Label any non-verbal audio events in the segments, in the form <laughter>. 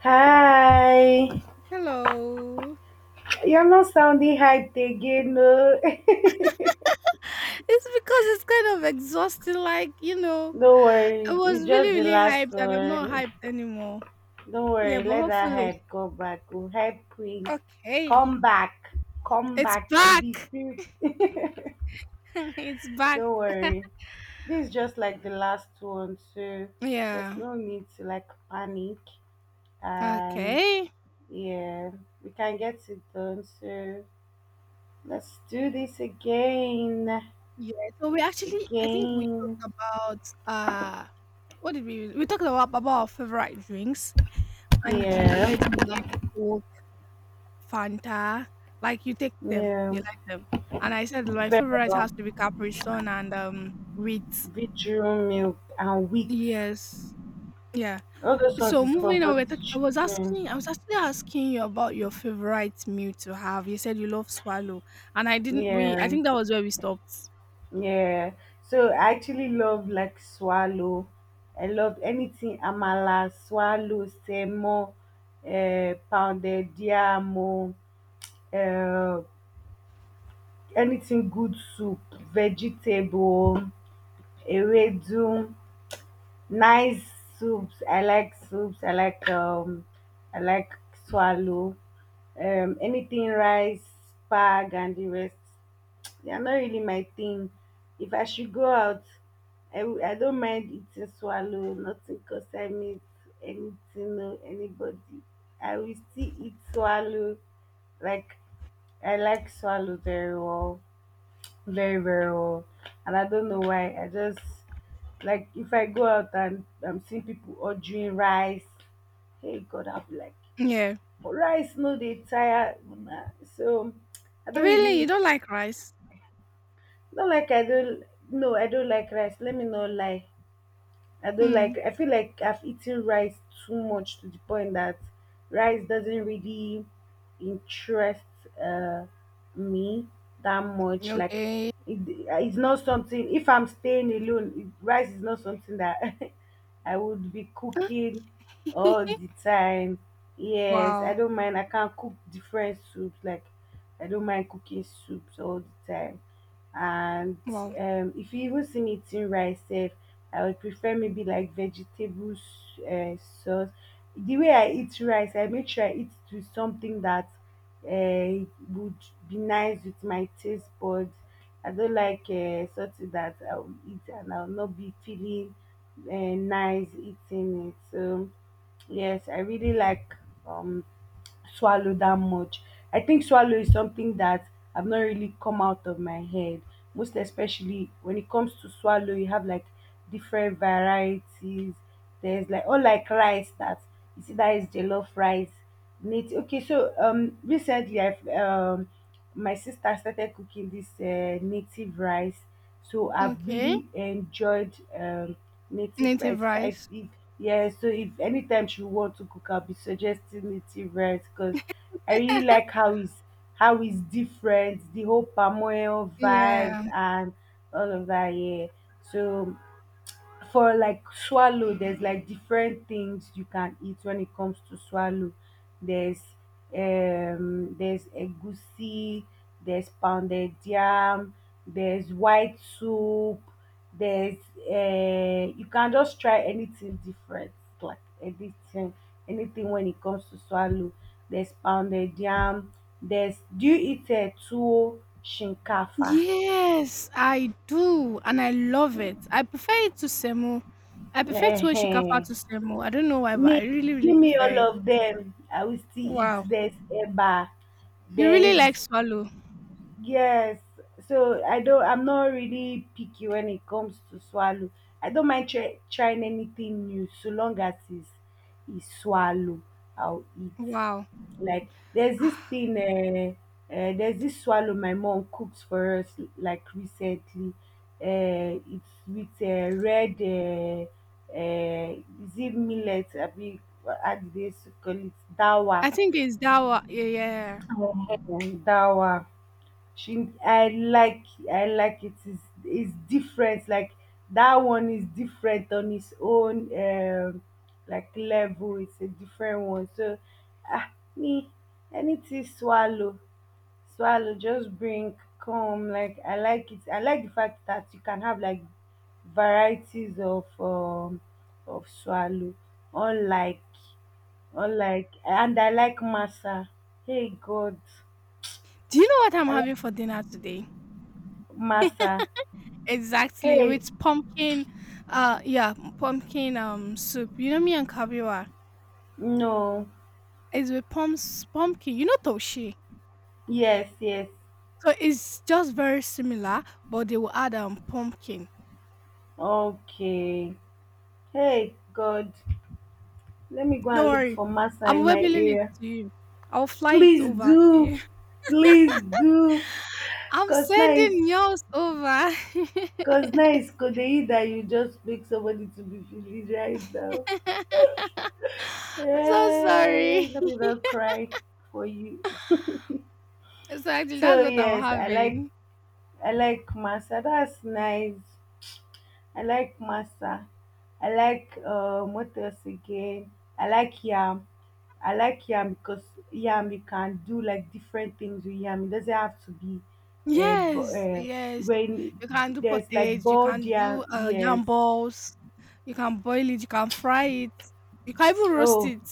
Hi. Hello. You're not sounding hyped again, no. <laughs> It's because it's kind of exhausting. Like, Don't I worry. was It's just really, the really last hyped and I'm not one. hyped anymore. Don't Yeah, worry. but Let that hopefully. hype go back. We'll hype queen. Okay. Come back. Come It's back. The back. spirit. <laughs> It's back. Don't worry. This is just like the last one, so there's Yeah. no need to like panic. And Okay. yeah, we can get it done. So let's do this again. Yeah. So we actually, I think we Again. talked about, uh, what did we talked about our favorite drinks and you said Yeah. you like Coke Fanta. Like you take them, Yeah, you like them. And I said my favorite Bella, has to be Capri Sun and Ritz. Vitro milk and wheat. Yes. Yeah. All those ones So is for moving on, both children. I was actually asking you about your favorite meal to have. You said you love swallow, and I didn't. I Yeah, think that was where we stopped. yeah. So I actually love like swallow. I love anything amala, swallow, semo, pounded yam, uh, anything good soup, vegetable, ewedu. Nice soups. I like soups. I like swallow. Anything rice, spag, and the rest. They are not really my thing. If I should go out, I don't mind eating swallow. Nothing concern me. Anything, no, anybody. I will still eat swallow. Like I like swallow very well, very very well, and I don't know why I just, like, if I go out and I'm seeing people ordering rice, hey God, I'll be like, Yeah. "but rice, no, they tire una." So I don't Really, you really, don't like rice? not like I don't no, I don't like rice, let me not lie. I don't Hmm. like I feel like I've eaten rice too much to the point that rice doesn't really interest uh me that much. Like Okay. it's not something, if I'm staying alone, rice is not something that <laughs> I would be Huh? cooking all the time. Yes, I Wow. don't mind. I can cook different soups. Like I don't mind cooking soups all the time, and Wow. If you even see me eating rice sef, I would prefer maybe like vegetable sauce. The way I eat rice, I make sure I eat it with something that uh, would be nice with my taste buds. I don't like something that I will eat and I will not be feeling nice eating it. So yes, I really like um swallow that much. I think swallow is something that I've not really come out of my head. Most especially when it comes to swallow, you have like different varieties. There's like all like rice that you see that is jollof rice. Nate, okay, so recently I've my sister started cooking this native rice. So I've Okay. really enjoyed native rice. Native If I rice. if Yeah, so if anytime she want to cook, I'll be suggesting native rice because I really like how it's, how it's different, the whole palm oil vibes Yeah. and all of that, yeah. So for like swallow, there's like different things you can eat when it comes to swallow. There's there's egusi, there's pounded yam, there's white soup, there's you can just try anything different. Like anything, when it comes to swallow, there's pounded yam, there's do you eat a tuwo shinkafa? Yes, I do, and I love it. I prefer it to semo. I prefer tuwo shikafa Ehen. to semo. I don't know why, but Me, I really, really give me prefer all it. of them. I will still eat. Wow, There's eba. you really There's like swallow. yes. So I don't. I'm not really picky when it comes to swallow. I don't mind trying anything new so long as it's swallow. I'll eat. Wow. Like there's this Ah, thing, uh, uh, there's this swallow my mom cooks for us, like recently. It's with red, uh, is it millet? I mean, how do they call it? Dawa. I think it's that one. Yeah, yeah. And dawa. She, I like, I like. It's, is different. Like that one is different on its own, like level. It's a different one. So, me, anything swallow, swallow just bring come. Like I like it. I like the fact that you can have like varieties of of swallow, unlike unlike and I like masa. Hey God, Do you know what I'm I having like for dinner today? masa. Exactly, Hey, with pumpkin. Yeah, pumpkin soup. You know me and kabiwa. no. It's with pumps pumpkin. You know toshi. Yes, yes. So it's just very similar, but they will add pumpkin. Okay, hey God, let me go Don't and look worry. for masa I'm in my webbing it area. to you. I'll fly it Please over to do, you. <laughs> please do, I'm because now it's, sending yours over. <laughs> I'm Cause now it's Kodeyi that you just make somebody to be feliz right now. so sorry. Hey, let me not cry for you. So actually, So that's what I'm yes, I like, having. I like masa. That's nice. I like masa. I like, what else again? I like yam. I like yam because yam you can do like different things with yam. It doesn't have to be bo- Yes, yes. when You can do there's like potage. You boiled can yam. do Yes. yam balls. You can boil it. You can fry it. You can even roast Oh, it.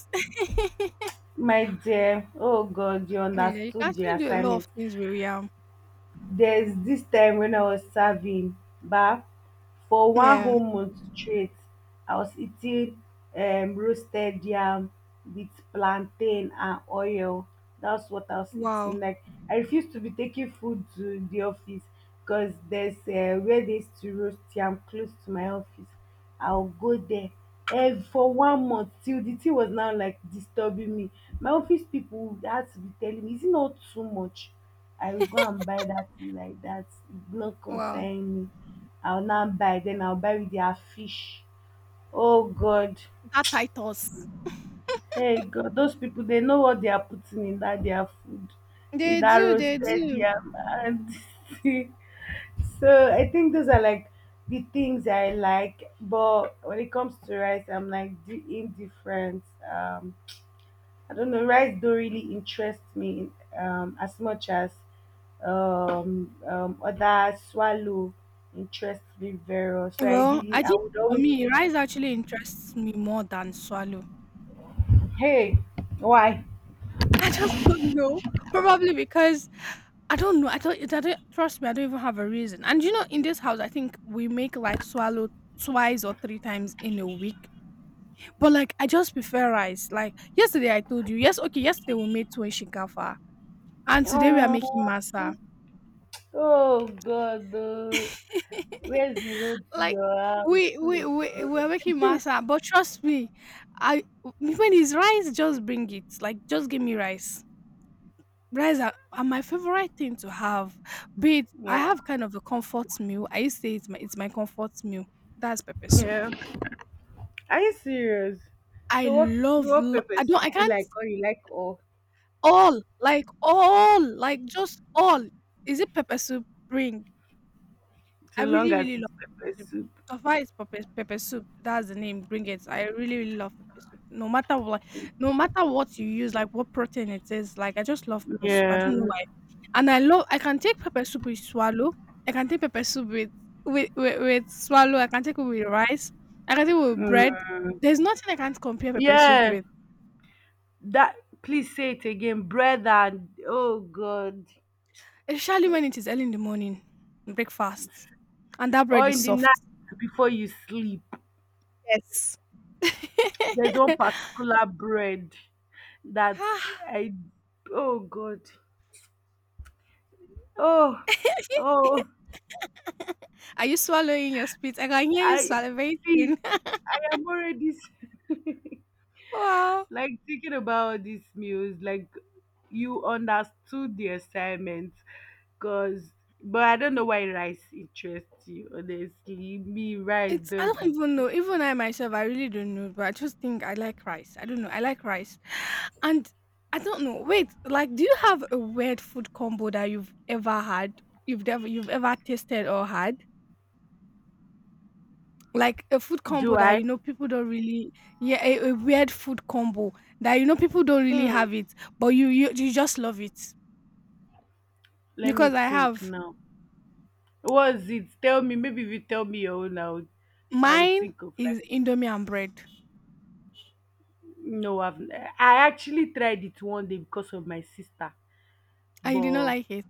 my dear, oh God, you <laughs> Yeah, you can understood the actually do a lot assignment. of things with yam. There's this time when I was serving bah, for one Yeah. whole month straight, I was eating roasted yam with plantain and oil. That's what I was Wow. eating. Like I refused to be taking food to the office because there's where they used to roast yam close to my office. I'll go there. And for one month till the thing was now like disturbing me, my office people had to be telling me, is it not too much? I will go and buy that thing like that. It will not Wow. concern me. I'll not buy. Then I'll buy with their fish. Oh God. That titles. Hey God, those people, they know what they are putting in that their food. In They that do. They roasted do. yam, and <laughs> so I think those are like the things I like. But when it comes to rice, I'm like the indifferent. Um I don't know. Rice don't really interest me as much as other swallow interest me very much. So I Well, really, I I think would for always me, pick. rice actually interests me more than swallow. Hey, why? <laughs> I just don't know. Probably because I don't know. I don't trust me. I don't even have a reason. And you know, in this house, I think we make like swallow twice or three times in a week. But like, I just prefer rice. Like yesterday, I told you. Yes, okay. Yesterday we made two in shinkafa, and today we are making Oh, masa. oh God, oh, <laughs> where's the road to Like your house? we're making Oh. <laughs> masa. But trust me, I when it's rice, just bring it. Like just give me rice. Rice are my favorite thing to have. Be it, I Yeah. have kind of a comfort meal. I used to say it's my comfort meal. That's pepper soup. Yeah. Are you serious? I So love. what pepper I don't. I soup do you can't like, or you like all? all like just all. Is it pepper soup? Bring. So I long really as really love it's pepper soup. soup. So far, it's pepper soup. That's the name. Bring it. I really really love pepper soup. No matter what, no matter what you use, like what protein it is, like I just love pepper soup. I Yeah. don't know why. And I can take pepper soup with swallow. I can take pepper soup with with swallow. I can take it with rice. I can take it with bread. Mm. There's nothing I can't compare pepper soup Yeah, with, that, please say it again, brother. Oh God. especially when it is early in the morning, breakfast, and that Or bread is in the night soft. before you sleep. Yes. There's one <laughs> particular bread that Ah. I, oh God. Oh, <laughs> oh, Are you swallowing your spit? I can hear you I see. salivating. <laughs> I am already <laughs> Wow. like thinking about these meals. Like, you understood the assignment because, but I don't know why rice interests you, honestly. Me, rice It's I don't doesn't even do. know. Even I myself, I really don't know. But I just think I like rice. I don't know. I like rice, and I don't know. Wait, like, do you have a weird food combo that you've ever had? You've never You've ever tasted or had? Like a food combo Do that you I? know people don't really. Yeah, a weird food combo that you know people don't really Hmm, have it, but you just love it let me because I think have now. What's it, tell me, maybe if you tell me your own, I would, I would mine think of like, is indomie and bread, no, I've I actually tried it one day because of my sister, and you did not but like it.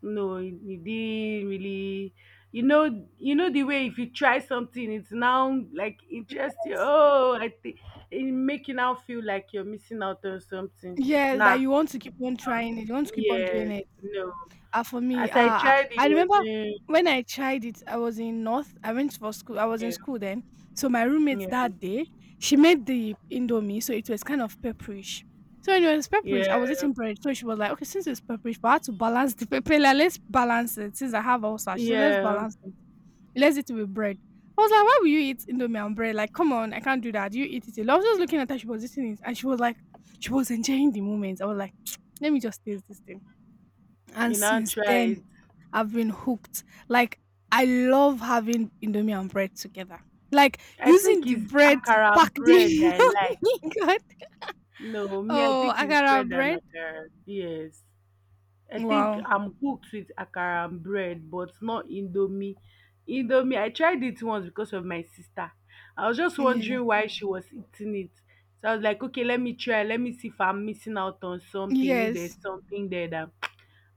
no, it didn't really. You know the way if you try something, it's now like interesting. Oh, I think it make you now feel like you're missing out on something. Yes, that Nah, you want to keep on trying it. You want to keep on yeah, doing it. no. Ah, for me, As I tried, it I remember wasn't. when I tried it, I was in North. I went for school. I was in Yeah, school then. So my roommate yeah, that day, she made the indomie, so it was kind of pepperish. So when it was pepperish, I was yeah, eating bread. So she was like, okay, since it's pepperish, but I had to balance the pepper. Like, let's balance it. Since I have ulcer, she said, let's yeah. balance it. Let's eat it with bread. I was like, why will you eat indomie and bread? Like, come on, I can't do that. You eat it alone. I was just looking at her. She was eating it, and she was enjoying the moment. I was like, <tsk> let me just taste this thing. And You now since then, tried. I've been hooked. Like I love having indomie and bread together. Like I think using the it's bread to akara pack and bread the I like. indomie. <laughs> God. No, me, I Oh, think it's akara bread and bread. akara. Yes. I think Wow. I'm hooked with akara and bread, but not Indomie. Indomie, I tried it once because of my sister. I was just Yeah. wondering why she was eating it. So I was like, okay, let me try. Let me see if I'm missing out on something. If Yes. there's something there that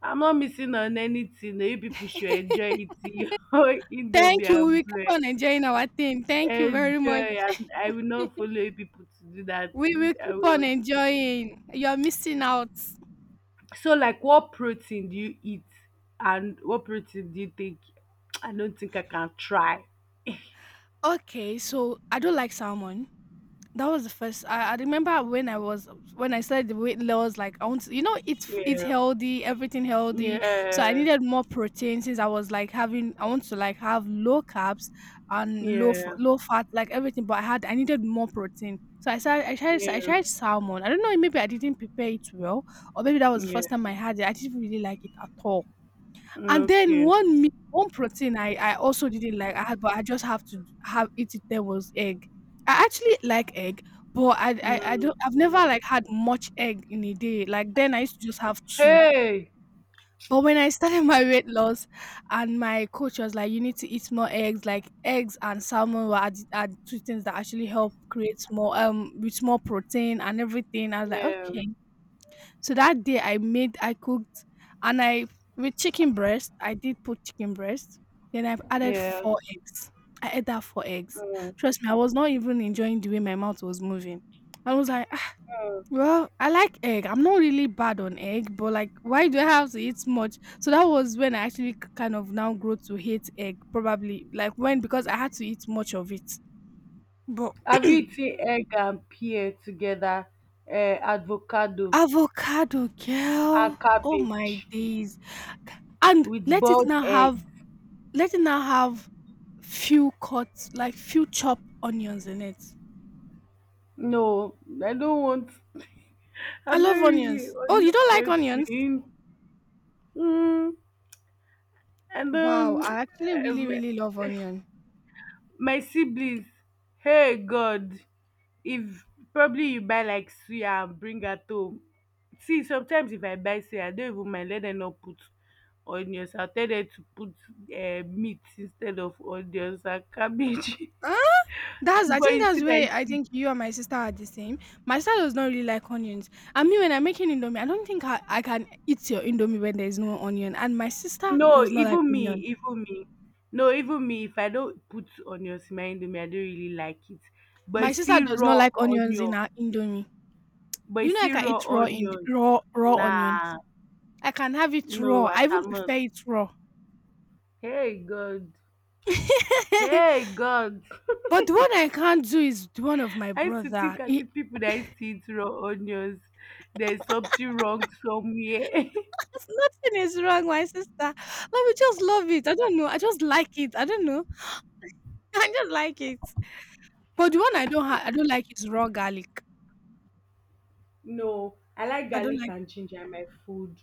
I'm not missing on anything. You people should enjoy eating <laughs> your Indomie Thank you. We and keep bread. on enjoying our thing. Thank you very Enjoy. much. And I will not follow you people to do that. We will I keep on will. enjoying. You're missing out. So like what protein do you eat, and what protein do you take? <tsk> I don't think I can try. Okay, so I don't like salmon. That was the first. I remember when I was when I started the weight loss. Like I want, to, it's it's Yeah. healthy, everything healthy. So I Yeah. needed more protein since I was like having. I want to like have low carbs and low Yeah. low fat, like everything. But I needed more protein. So I started. I Yeah. tried salmon. I don't know. Maybe I didn't prepare it well, or maybe that was the Yeah. first time I had it. I didn't really like it at all. And then Okay. one meat one protein I also didn't like, I had, but I just have to have eat it there was egg. I actually like egg, but Mm. I've never like had much egg in a day. Like then I used to just have two. Hey. But when I started <laughs> my weight loss and my coach was like, "You need to eat more eggs." Like eggs and salmon were are the are two things that actually help create more, with more protein and everything. I was like, Yeah. "Okay." So that day I made, I cooked, and I with chicken breast. I did put chicken breast. Then I've added Yeah. four eggs. I ate that four eggs. Mm. Trust me, I was not even enjoying the way my mouth was moving. I was like, "Ah, Mm. well, I like egg. I'm not really bad on egg, but like, why do I have to eat so much?" So that was when I actually kind of now grow to hate egg, probably like when because I had to eat much of it. But Have you eaten egg and pear together? Avocado avocado, girl, and oh my cabbage days! And with boiled egg. Let it now have few cuts, like few chopped onions in it. No, I don't want. <laughs> I I'm not love really onions. a Oh, onion you don't like onions? person. Mm. And Wow, I actually really, um, really love onion. my siblings, hey God, if probably you buy like suya and bring her home. See, sometimes if I buy suya, I don't even mind. Let them not put onions. I'll tell them to put meat instead of onions and cabbage. Huh? <laughs> That's I But think you see that's my where I sis- think you and my sister are the same. My sister does not really like onions. I mean when I'm making indomie, I don't think I can eat your indomie when there's no onion. And my sister no, does not like even me, onion. No, even me, if I don't put onions in my indomie, I don't really like it. But you My sister see does not raw like onions onion, in her indomie. but you You know I see can raw eat raw in onions. raw raw onions. Nah. I can have it No, raw. I I even cannot. prefer it raw. Hey God. <laughs> Hey God. But the one I can't do is the one of my I used to brother. think, I He see people that used to eat raw onions, there's something wrong somewhere. <laughs> 'cause nothing is wrong, my sister. Let me just love it. I don't know. I just like it. I don't know. <laughs> I just like it. But the one I don't ha- I don't like is raw garlic. <laughs> No, I like I don't garlic like and ginger in my food.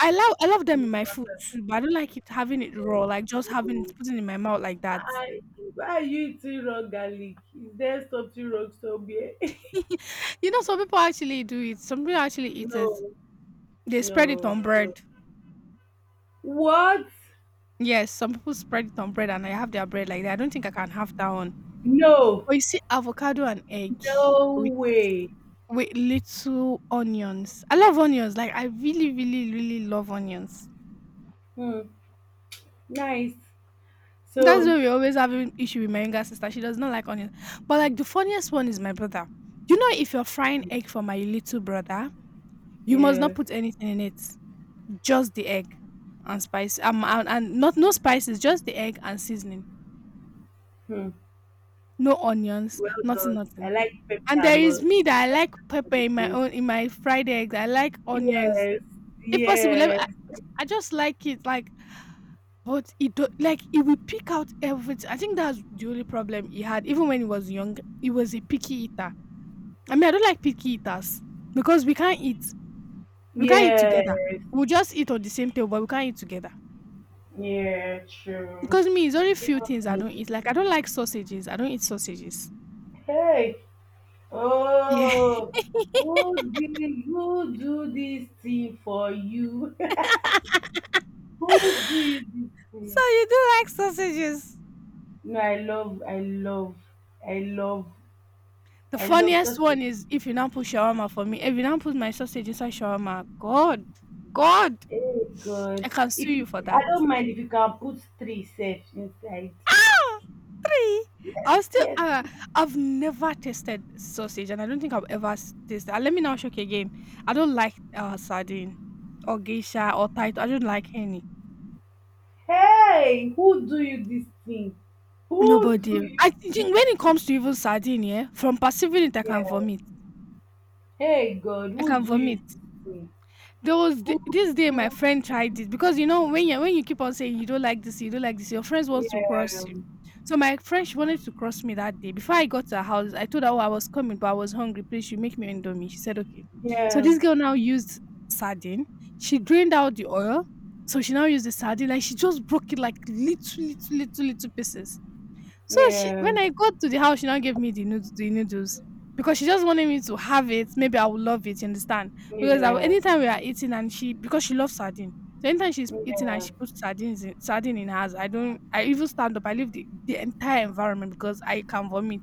I love them No, in my food too, but I don't like it having it raw, like just having it no. putting it in my mouth like that. I, why are you eating raw garlic? Is there something wrong somewhere? <laughs> <laughs> Some people actually do it. Some people actually eat it. No, They spread it no, on bread. no. What? Yes, some people spread it on bread and I have their bread like that. I don't think I can have that one. No, But you see avocado and egg no with way. Little onions. I love onions. Like I really, really, really love onions. Hmm, nice. That's So, why we always have an issue with my younger sister. She does not like onions. But like the funniest one is my brother. You know, if you're frying egg for my little brother, you must yeah. not put anything in it. Just the egg and spice. And not no spices. Just the egg and seasoning. Hmm. No onions. Well Nothing. done. I Nothing. like pepper And there and all. is me I that I like like pepper everything. In my fried eggs. I like onions. Yes, If possible, let me, yes, I, I just like it. Like But like he will pick out everything. I think that's the only problem he had. Even when he was young, he was a picky eater. I mean, I don't like picky eaters because we can't eat. We can't eat together. yes, We'll just eat on the same table, but we can't eat together. yeah, true. Because me, it's only few things Even I me. don't eat. Like I don't like sausages. I don't eat sausages. Hey, Yeah. <laughs> oh, who did, who do this thing for you? <laughs> Who do you this So thing? you do like sausages? No, I love, I love, The I love funniest sausage. one is if you now put shawarma for me. If you now put my sausage inside shawarma, God, God, Oh God! I can sue If you, you for I that. don't mind if you can put three sef inside. <laughs> Really? I'll still Yes. I've never tasted sausage and I don't think I have ever taste and let me now shock you again. I don't like sardine or geisha or tight. I don't like any. Hey, who do you this thing? Who do Nobody. you, I think when it comes to even sardine, yeah, from perceiving it I can yeah? vomit. Hey God, I who can do you vomit. this thing? There was Who do this day my friend tried you, it because you know when you keep on saying you don't like this, you don't like this, your friends want to yeah, cross you. So my friend she wanted to cross me that day. Before I got to her house, I told her oh, I was coming, but I was hungry. Please, you make me indomie. She said okay. So yeah this girl now used sardine. She drained out the oil, so she now used the sardine. Like she just broke it like little, little, little, little pieces. So she yeah when I got to the house, she now gave me the noodles because she just wanted me to have it. Maybe I would love it, you understand? Because yeah anytime we are eating and she because she loves sardine. So anytime she's eating and yeah she puts sardines in, sardine in hers, I don't I even stand up. I leave the entire environment because I can vomit.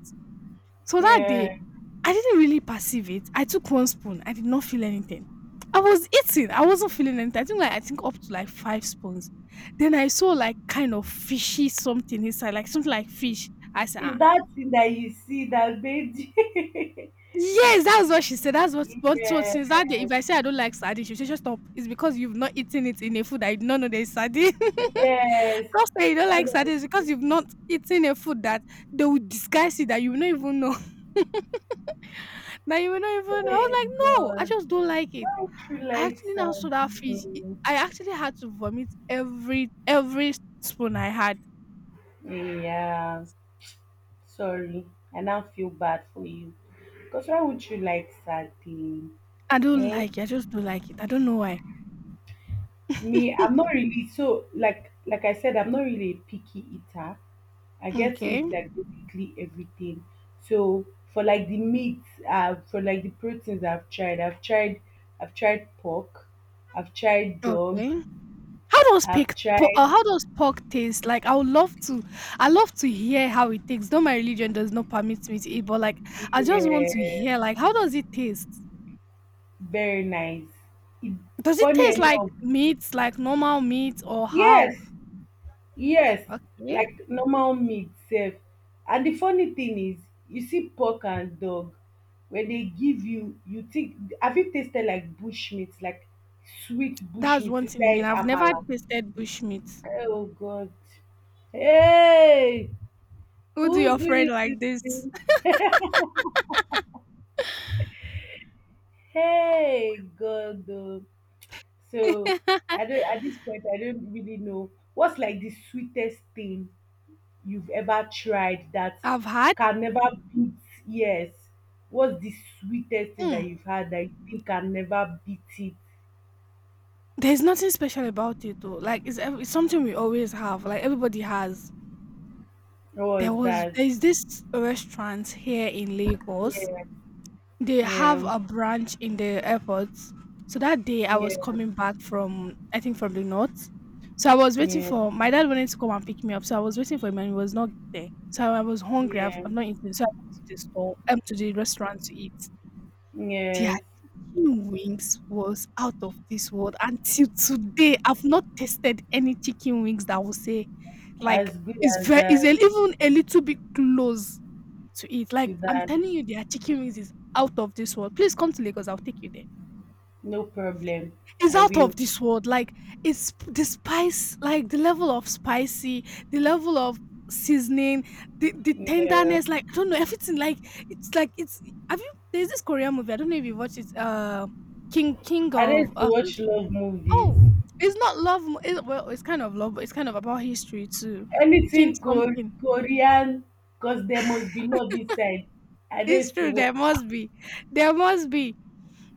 So that day, yeah? I didn't really perceive it. I took one spoon. I did not feel anything. I was eating. I wasn't feeling anything. I think up to like five spoons. Then I saw like kind of fishy something inside, like something like fish. I said, Is ah. that thing that you see that made you? Yes, that's what she said. That's what <laughs> one told Yeah, since that day. If I say I don't like sardine, she said just stop. It's because you've not eaten it in a food that you do not know there is sardine. <laughs> yes, Stop saying you don't like honestly, sardines because you've not eaten a food that they will disguise it that you will not even know. That you will not even I was hey like, "No, I God, just don't like it." why you I like actually now saw that fish, sardines. I actually had to vomit every spoon I had. Yeah. Sorry, I now feel bad for you. Because why would you like sad thing? I don't Eh? like it, I just don't like it. I don't know why. Me, <laughs> I'm not really so like I said, I'm not really a picky eater. I get to eat Okay, like basically everything. So for like the meat, for like the proteins I've tried pork, I've tried dog, okay. How does I've pig po tried, how does pork taste? Like, I would love to I love to hear how it tastes, though my religion does not permit me to eat, but, like, I just want to yeah, hear, like, how does it taste? very nice. It, Does it funny taste like enough, meat, like normal meat or how? yes, yes, Okay. like normal meat sef. And the funny thing is, you see pork and dog, when they give you, you think, have you tasted like bush meat, like sweet bush That's meat one thing again. inside I've never amala? tasted bushmeat. Oh God. Hey, Who do who your do friend you this like this? thing? Hey, God. Oh. So I don't at this point I don't really know what's like the sweetest thing you've ever tried that <laughs> I've had. can never beat. Yes, what's the sweetest thing that Mm. you've had that you think can never beat it? There's nothing special about it though. Like it's, it's something we always have. Like everybody has. What was that? There's this restaurant here in Lagos. Yeah, They yeah, have a branch in the airport. So that day I was yeah, coming back from I think from the north. So I was waiting yeah, for my dad wanted to come and pick me up. So I was waiting for him and he was not there. So I was hungry. Yeah, I've not eaten. So I went to the store, to the restaurant to eat. yes, Chicken wings was out of this world. Until today, I've not tasted any chicken wings that will say like, as good it's as very it's that, even a little bit close to it. Like, to I'm that, telling you their chicken wings is out of this world. Please come to Lagos, I'll take you there. no problem, It's I out will, of this world. Like it's the spice, like the level of spicy, the level of seasoning, the yeah. tenderness. Like I don't know everything. Like it's like it's. Have you? There's this Korean movie. I don't know if you watched it. King I like of to watch something- love movies, oh, it's not love. It, well, it's kind of love, but it's kind of about history too. King anything Kor- something. korean, because there must be love inside. I It's like to true. There watch. must be. There must be.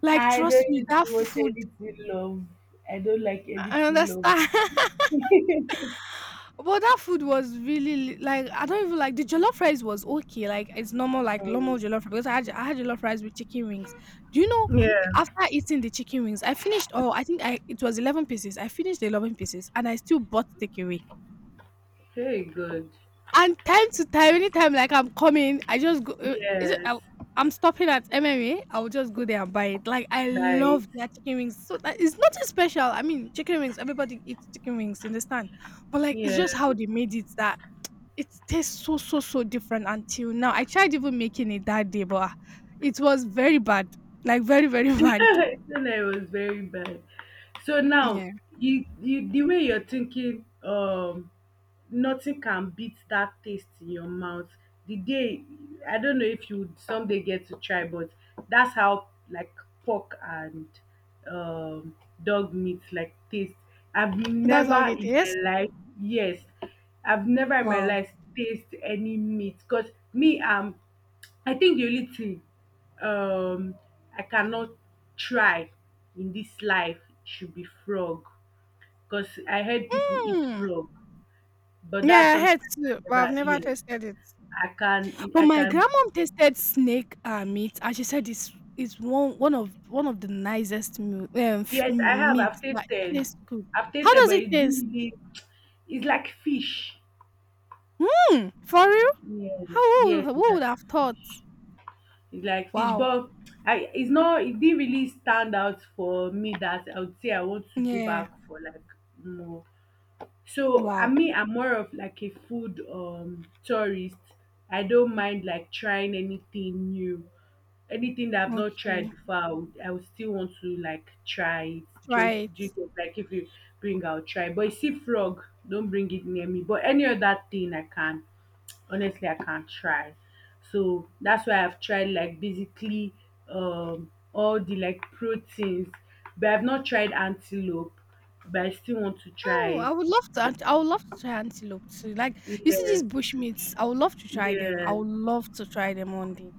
Like I trust me, don't that watch food. anything love. I don't like I anything love. understand. <laughs> But that food was really like I don't even like the jollof rice was okay, like it's normal, like Sorry. normal jollof rice. Because I had jollof rice with chicken wings. Do you know? Yeah. After eating the chicken wings, I finished. Oh, I think I it was 11 pieces. I finished the 11 pieces, and I still bought takeaway. Very good. And time to time, anytime like I'm coming, I just go. Is it, Yes. I I'm stopping at MMA. I'll just go there and buy it. Like I Nice. love their chicken wings. So that it's nothing special. I mean, chicken wings. Everybody eats chicken wings. You understand? But like, it's Yeah. just how they made it that it tastes so, so, so different until now. I tried even making it that day, but ah, it was very bad. Like very, very <laughs> bad. <laughs> Internet was very bad. So now, Yeah. you the way you're thinking, nothing can beat that taste in your mouth. The day, I don't know if you would someday get to try, but that's how like pork and um dog meat like taste. I've That's how never they in taste. my life, yes, I've never in my Wow. life taste any meat because me, I'm, I think the only thing um I cannot try in this life should be frog, because I heard people eat Hmm. frog, but Yeah, that's I something had I can too, but never, I've never yes. tasted it. I can But I my can grandmom tasted snake meat, and she said it's one of the nicest meal, yes, meat I've that it tasted. tastes good. I've How tasted does but it it taste? didn't really, it's like fish. Hmm. For real? Yes, How yes, it's who like would have thought? fish. It's like fish, Wow. but I it's not, it didn't really stand out for me that I would say I want to go back Yeah. for like more. So I Wow. mean, I'm more of like a food tourist. I don't mind like trying anything new, anything that I've not tried Okay. before. I would still want to like try it. Try it. Like if you bring, I'll try. But you see, frog, don't bring it near me. But any other thing, I can honestly, I can't try. So that's why I've tried like basically all the like proteins, but I've not tried antelope, but I still want to try Oh, it. I would love to. I would love to try antelope too. Like you see Yes, these bushmeats, I would love to try them. I yes. would love to try them one day.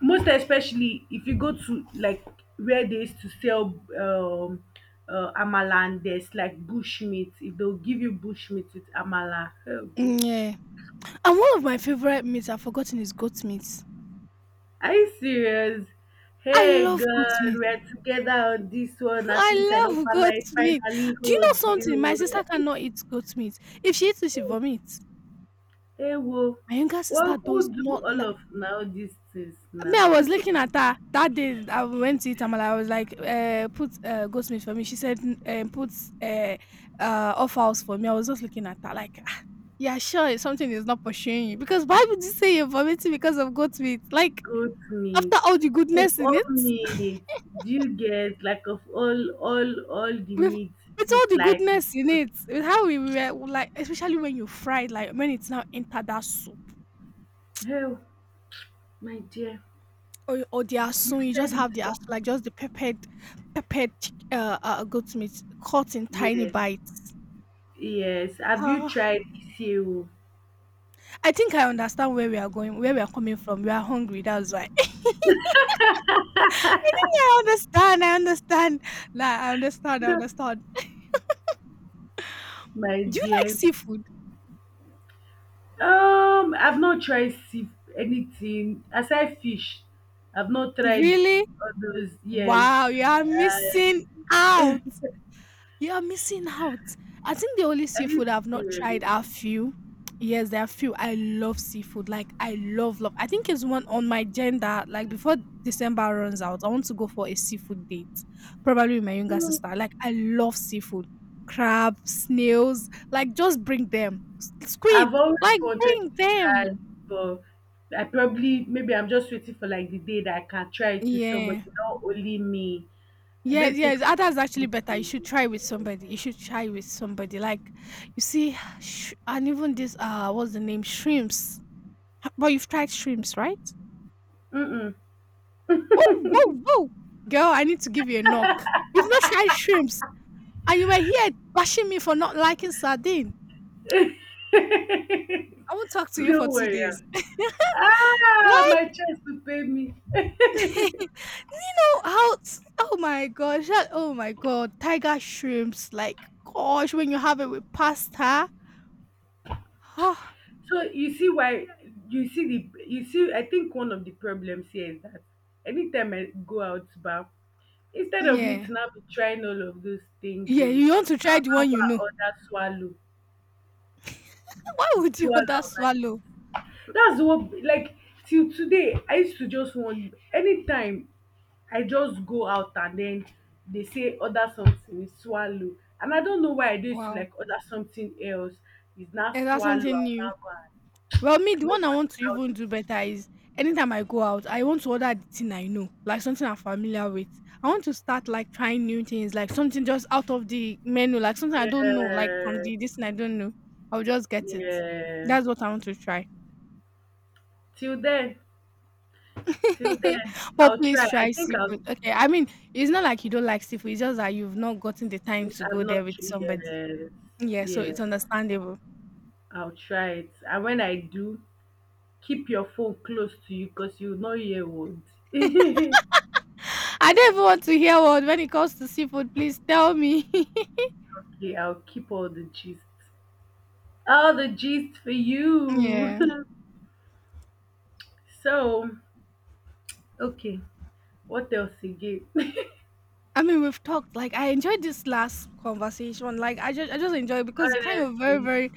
Most especially if you go to like where they used to sell amala and there's like bush meat, if they'll give you bush meat with amala. Oh good. Mm, yeah, and one of my favorite meats I've forgotten is goat meat. Are you serious? I Hey love goat God, meat. we are together on this one. <laughs> At least I I don't love find goat like meat. finally Do you know hold you. something? My sister cannot eat goat meat. If she eats it, she vomits. <laughs> hey, whoa. My younger sister What does could do not all like. of now these things Me, now? I was looking at her that day I went to eat amala. I was like, put goat meat for me. She said, put uh, off house for me. I was just looking at her like, "Ah, yeah, sure, something is not pursuing you. Because why would you say you're vomiting because of goat meat? Like, Goat meat. after all the Of goodness in all it, meat, do you get like of all the with, meat with all the dislike goodness in goat? it, with how we were, like, especially when you fried, like, when it's now entered that soup. Oh my dear, Or the you've asun, you said just it have the all. asun, like just the peppered, peppered goat meat cut in tiny Yes, bites. yes. Have you Uh, tried seal? I think I understand where we are going, where we are coming from. We are hungry, that's why. <laughs> I think I understand, I understand. Nah, I understand, I No, understand. my Do you like dear. seafood? I've not tried sea anything aside fish. I've not tried Really? all those. Yes, Wow, you are I. missing <laughs> Are out. You are missing out. I think the only you seafood I've not serious? tried are few. Yes, there are few. I love seafood. Like I love love. I think it's one on my agenda. Like before December runs out, I want to go for a seafood date. Probably with my younger No. sister. Like I love seafood. Crab, snails. Like just bring them. Squid. I've always Like wanted bring to try, them. but I probably, maybe I'm just waiting for like the day that I can try it with somebody, Yeah. not only me. I Yes, don't think yes, ah, that's my, actually better. You should try with somebody. You should try with somebody. Like, you see, and even this, what's the name? Shrimps. But you've tried shrimps, right? mm-mm. Whoa, whoa, whoa. Girl, I need to give you a knock. You've not tried shrimps. And you were here bashing me for not liking sardine. I won't talk to <laughs> you for Don't two worry. days. Ah, What? my chest will pay me. <laughs> you know how, oh my gosh, oh my god, tiger shrimps. Like, gosh, when you have it with pasta. <sighs> Huh? So you see why, you see the, you see, I think one of the problems here is that anytime I go out bar, instead of me Yeah. to now be trying all of those things, Yeah, oh, you want to try I'll the now one go you and know. order swallow. <laughs> Why It's would you swallow, order like swallow? that's what like till today I used to just want, anytime I just go out and then they say order something, it's swallow, and I don't know why I do used to Wow. like order something else, it's not And that's swallow, something I'll new. now go and, Well, me, the no one I want to but, even do better is anytime I go out, I want to order the thing I know, like something I'm familiar with. I want to start like trying new things, like something just out of the menu, like something I I don't know, like from the this yes, thing I don't know. I'll just get it. yeah, That's what I want to try. till then, till then, <laughs> but I'll please try, I try think I've seafood. Okay, I mean, it's not like you don't like seafood. It's just that you've not gotten the time to I've go there not with tried, somebody. yes, Yeah, so yeah, it's understandable. I'll try it and when I do, keep your phone close to you, cause you will not hear words. <laughs> I don't even want to hear one when it comes to seafood. Please tell me. <laughs> Okay, I'll keep all the gist. All the gist for you. Yeah. <laughs> So, okay, what else again? I mean, we've talked. Like, I enjoyed this last conversation. Like, I just enjoy it <laughs> because it's kind of very, Honestly, very.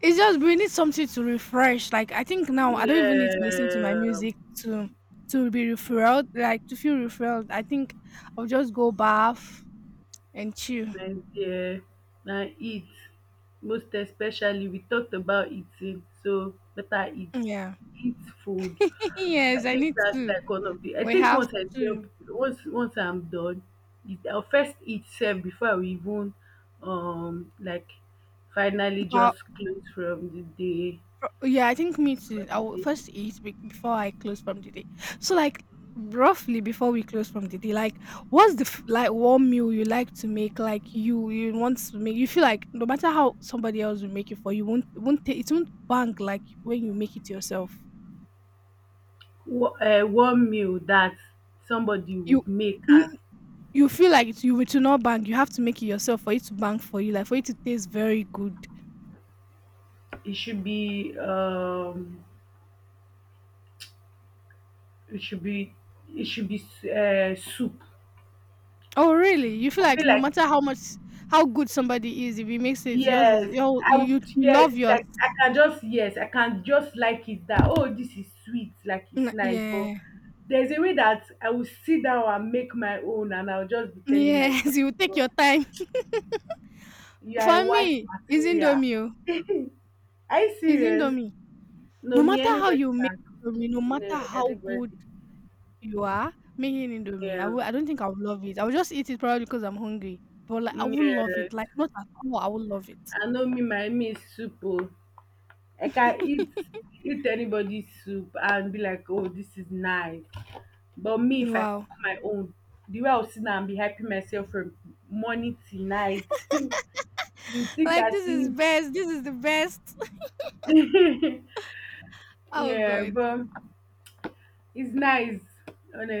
It's just we need something to refresh. Like, I think now I don't even need to listen to my yeah, music to be refreshed. Like to feel refreshed. I think I'll just go bath and chill. my dear, now eat. Most especially, we talked about eating, so better eat. Yeah. Eat food. <laughs> I yes, I think need that's to. like one of the. I We think have once I to. jump, once I'm done, it, I'll first eat self before I will even um like finally But just close from the day Pro yeah, I think me too. I will the first before I close from the day. So like roughly before we close from the day, like one meal you like to make? Like you want to make you feel like no matter how somebody else will make it for you, won't ta- it won't bang like when you make it yourself. One meal that somebody You would make n- and you feel like it, you it will not bang. You have to make it yourself for it to bang for you, like for it to taste very good. it should be um it should be it should be soup. Oh really? You I feel feel like no like, matter how much how good somebody is, if he makes it, yours is yes, your I you you would. you Yes, love yours. like I can just, yes, I can just like it that, oh, this is sweet, like N it's nice. But yeah. there's a way that I will sit down and make my own, and I'll just be telling myself, Yes, <laughs> you take God, your time. you <laughs> are a For wife me, it's material. indomie oh, <laughs> are you it's serious? indomie. No, No me matter how anybody you make can indomie, no cook. matter No, how anybody. good you are making indomie, I Yeah, will I don't think I will love it. I will just eat it probably because I'm hungry, but, like, I will love yeah. it, like, not at all, I will love it. I know me, my me is soup. Oh. I can eat, <laughs> anybody's soup and be like, oh, this is nice. But me, if I cook Wow. my own, the way I'll sit down and be hyping myself from morning till night, <laughs> you think Like, as this is if, best, this is the best. <laughs> <laughs> Oh yeah, god. but it's nice,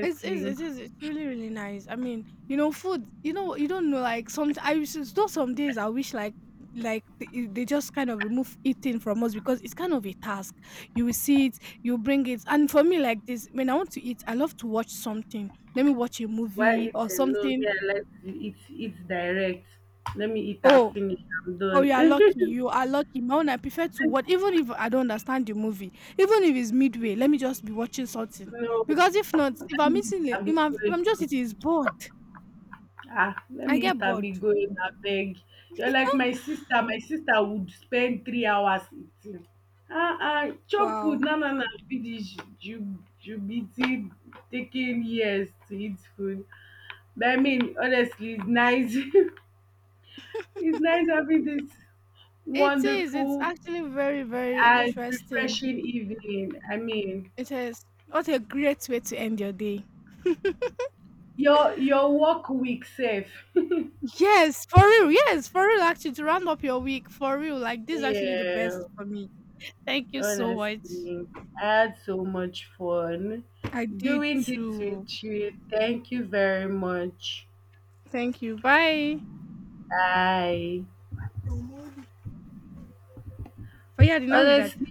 It is, it's really, really nice. I mean, you know, food, you know, you don't know, like, some, I wish, though some days I wish, like they, eh, they just kind of remove eating from us because it's kind of a task. You will see it, you bring it. And for me, like this, when I want to eat, I love to watch something. Let me watch a While movie or eating, no, me, something. I like to eat, direct. Let me eat and Oh, finish. I'm oh, you done. are lucky. You are <laughs> lucky. My own, I prefer to watch, even if I don't understand the movie, even if it's midway, let me just be watching something. no, Because if not, if let I'm me eat eating, and be if I'm just going. eating, it's bored. Ah, let I me get eat and bored. be going, abeg. You're like my sister. My sister would spend 3 hours eating. Ah, ah, chop food. Wow. No, no, no. Be this, you, be t- taking years to eat food. But I mean, honestly, it's nice. <laughs> it's nice having this It is. It's wonderful actually very, very and interesting. refreshing evening. I mean, It is. What a great way to end your day. Your work week safe. Yes, for real. Yes, for real. Actually, to round up your week, for real. Like, <laughs> this is actually the yeah. best for me. Thank you so much. Honestly, I had so much fun I did doing this too. with you. Thank you very much. Thank you. Bye. Bye. For yeah, now with that. Honestly,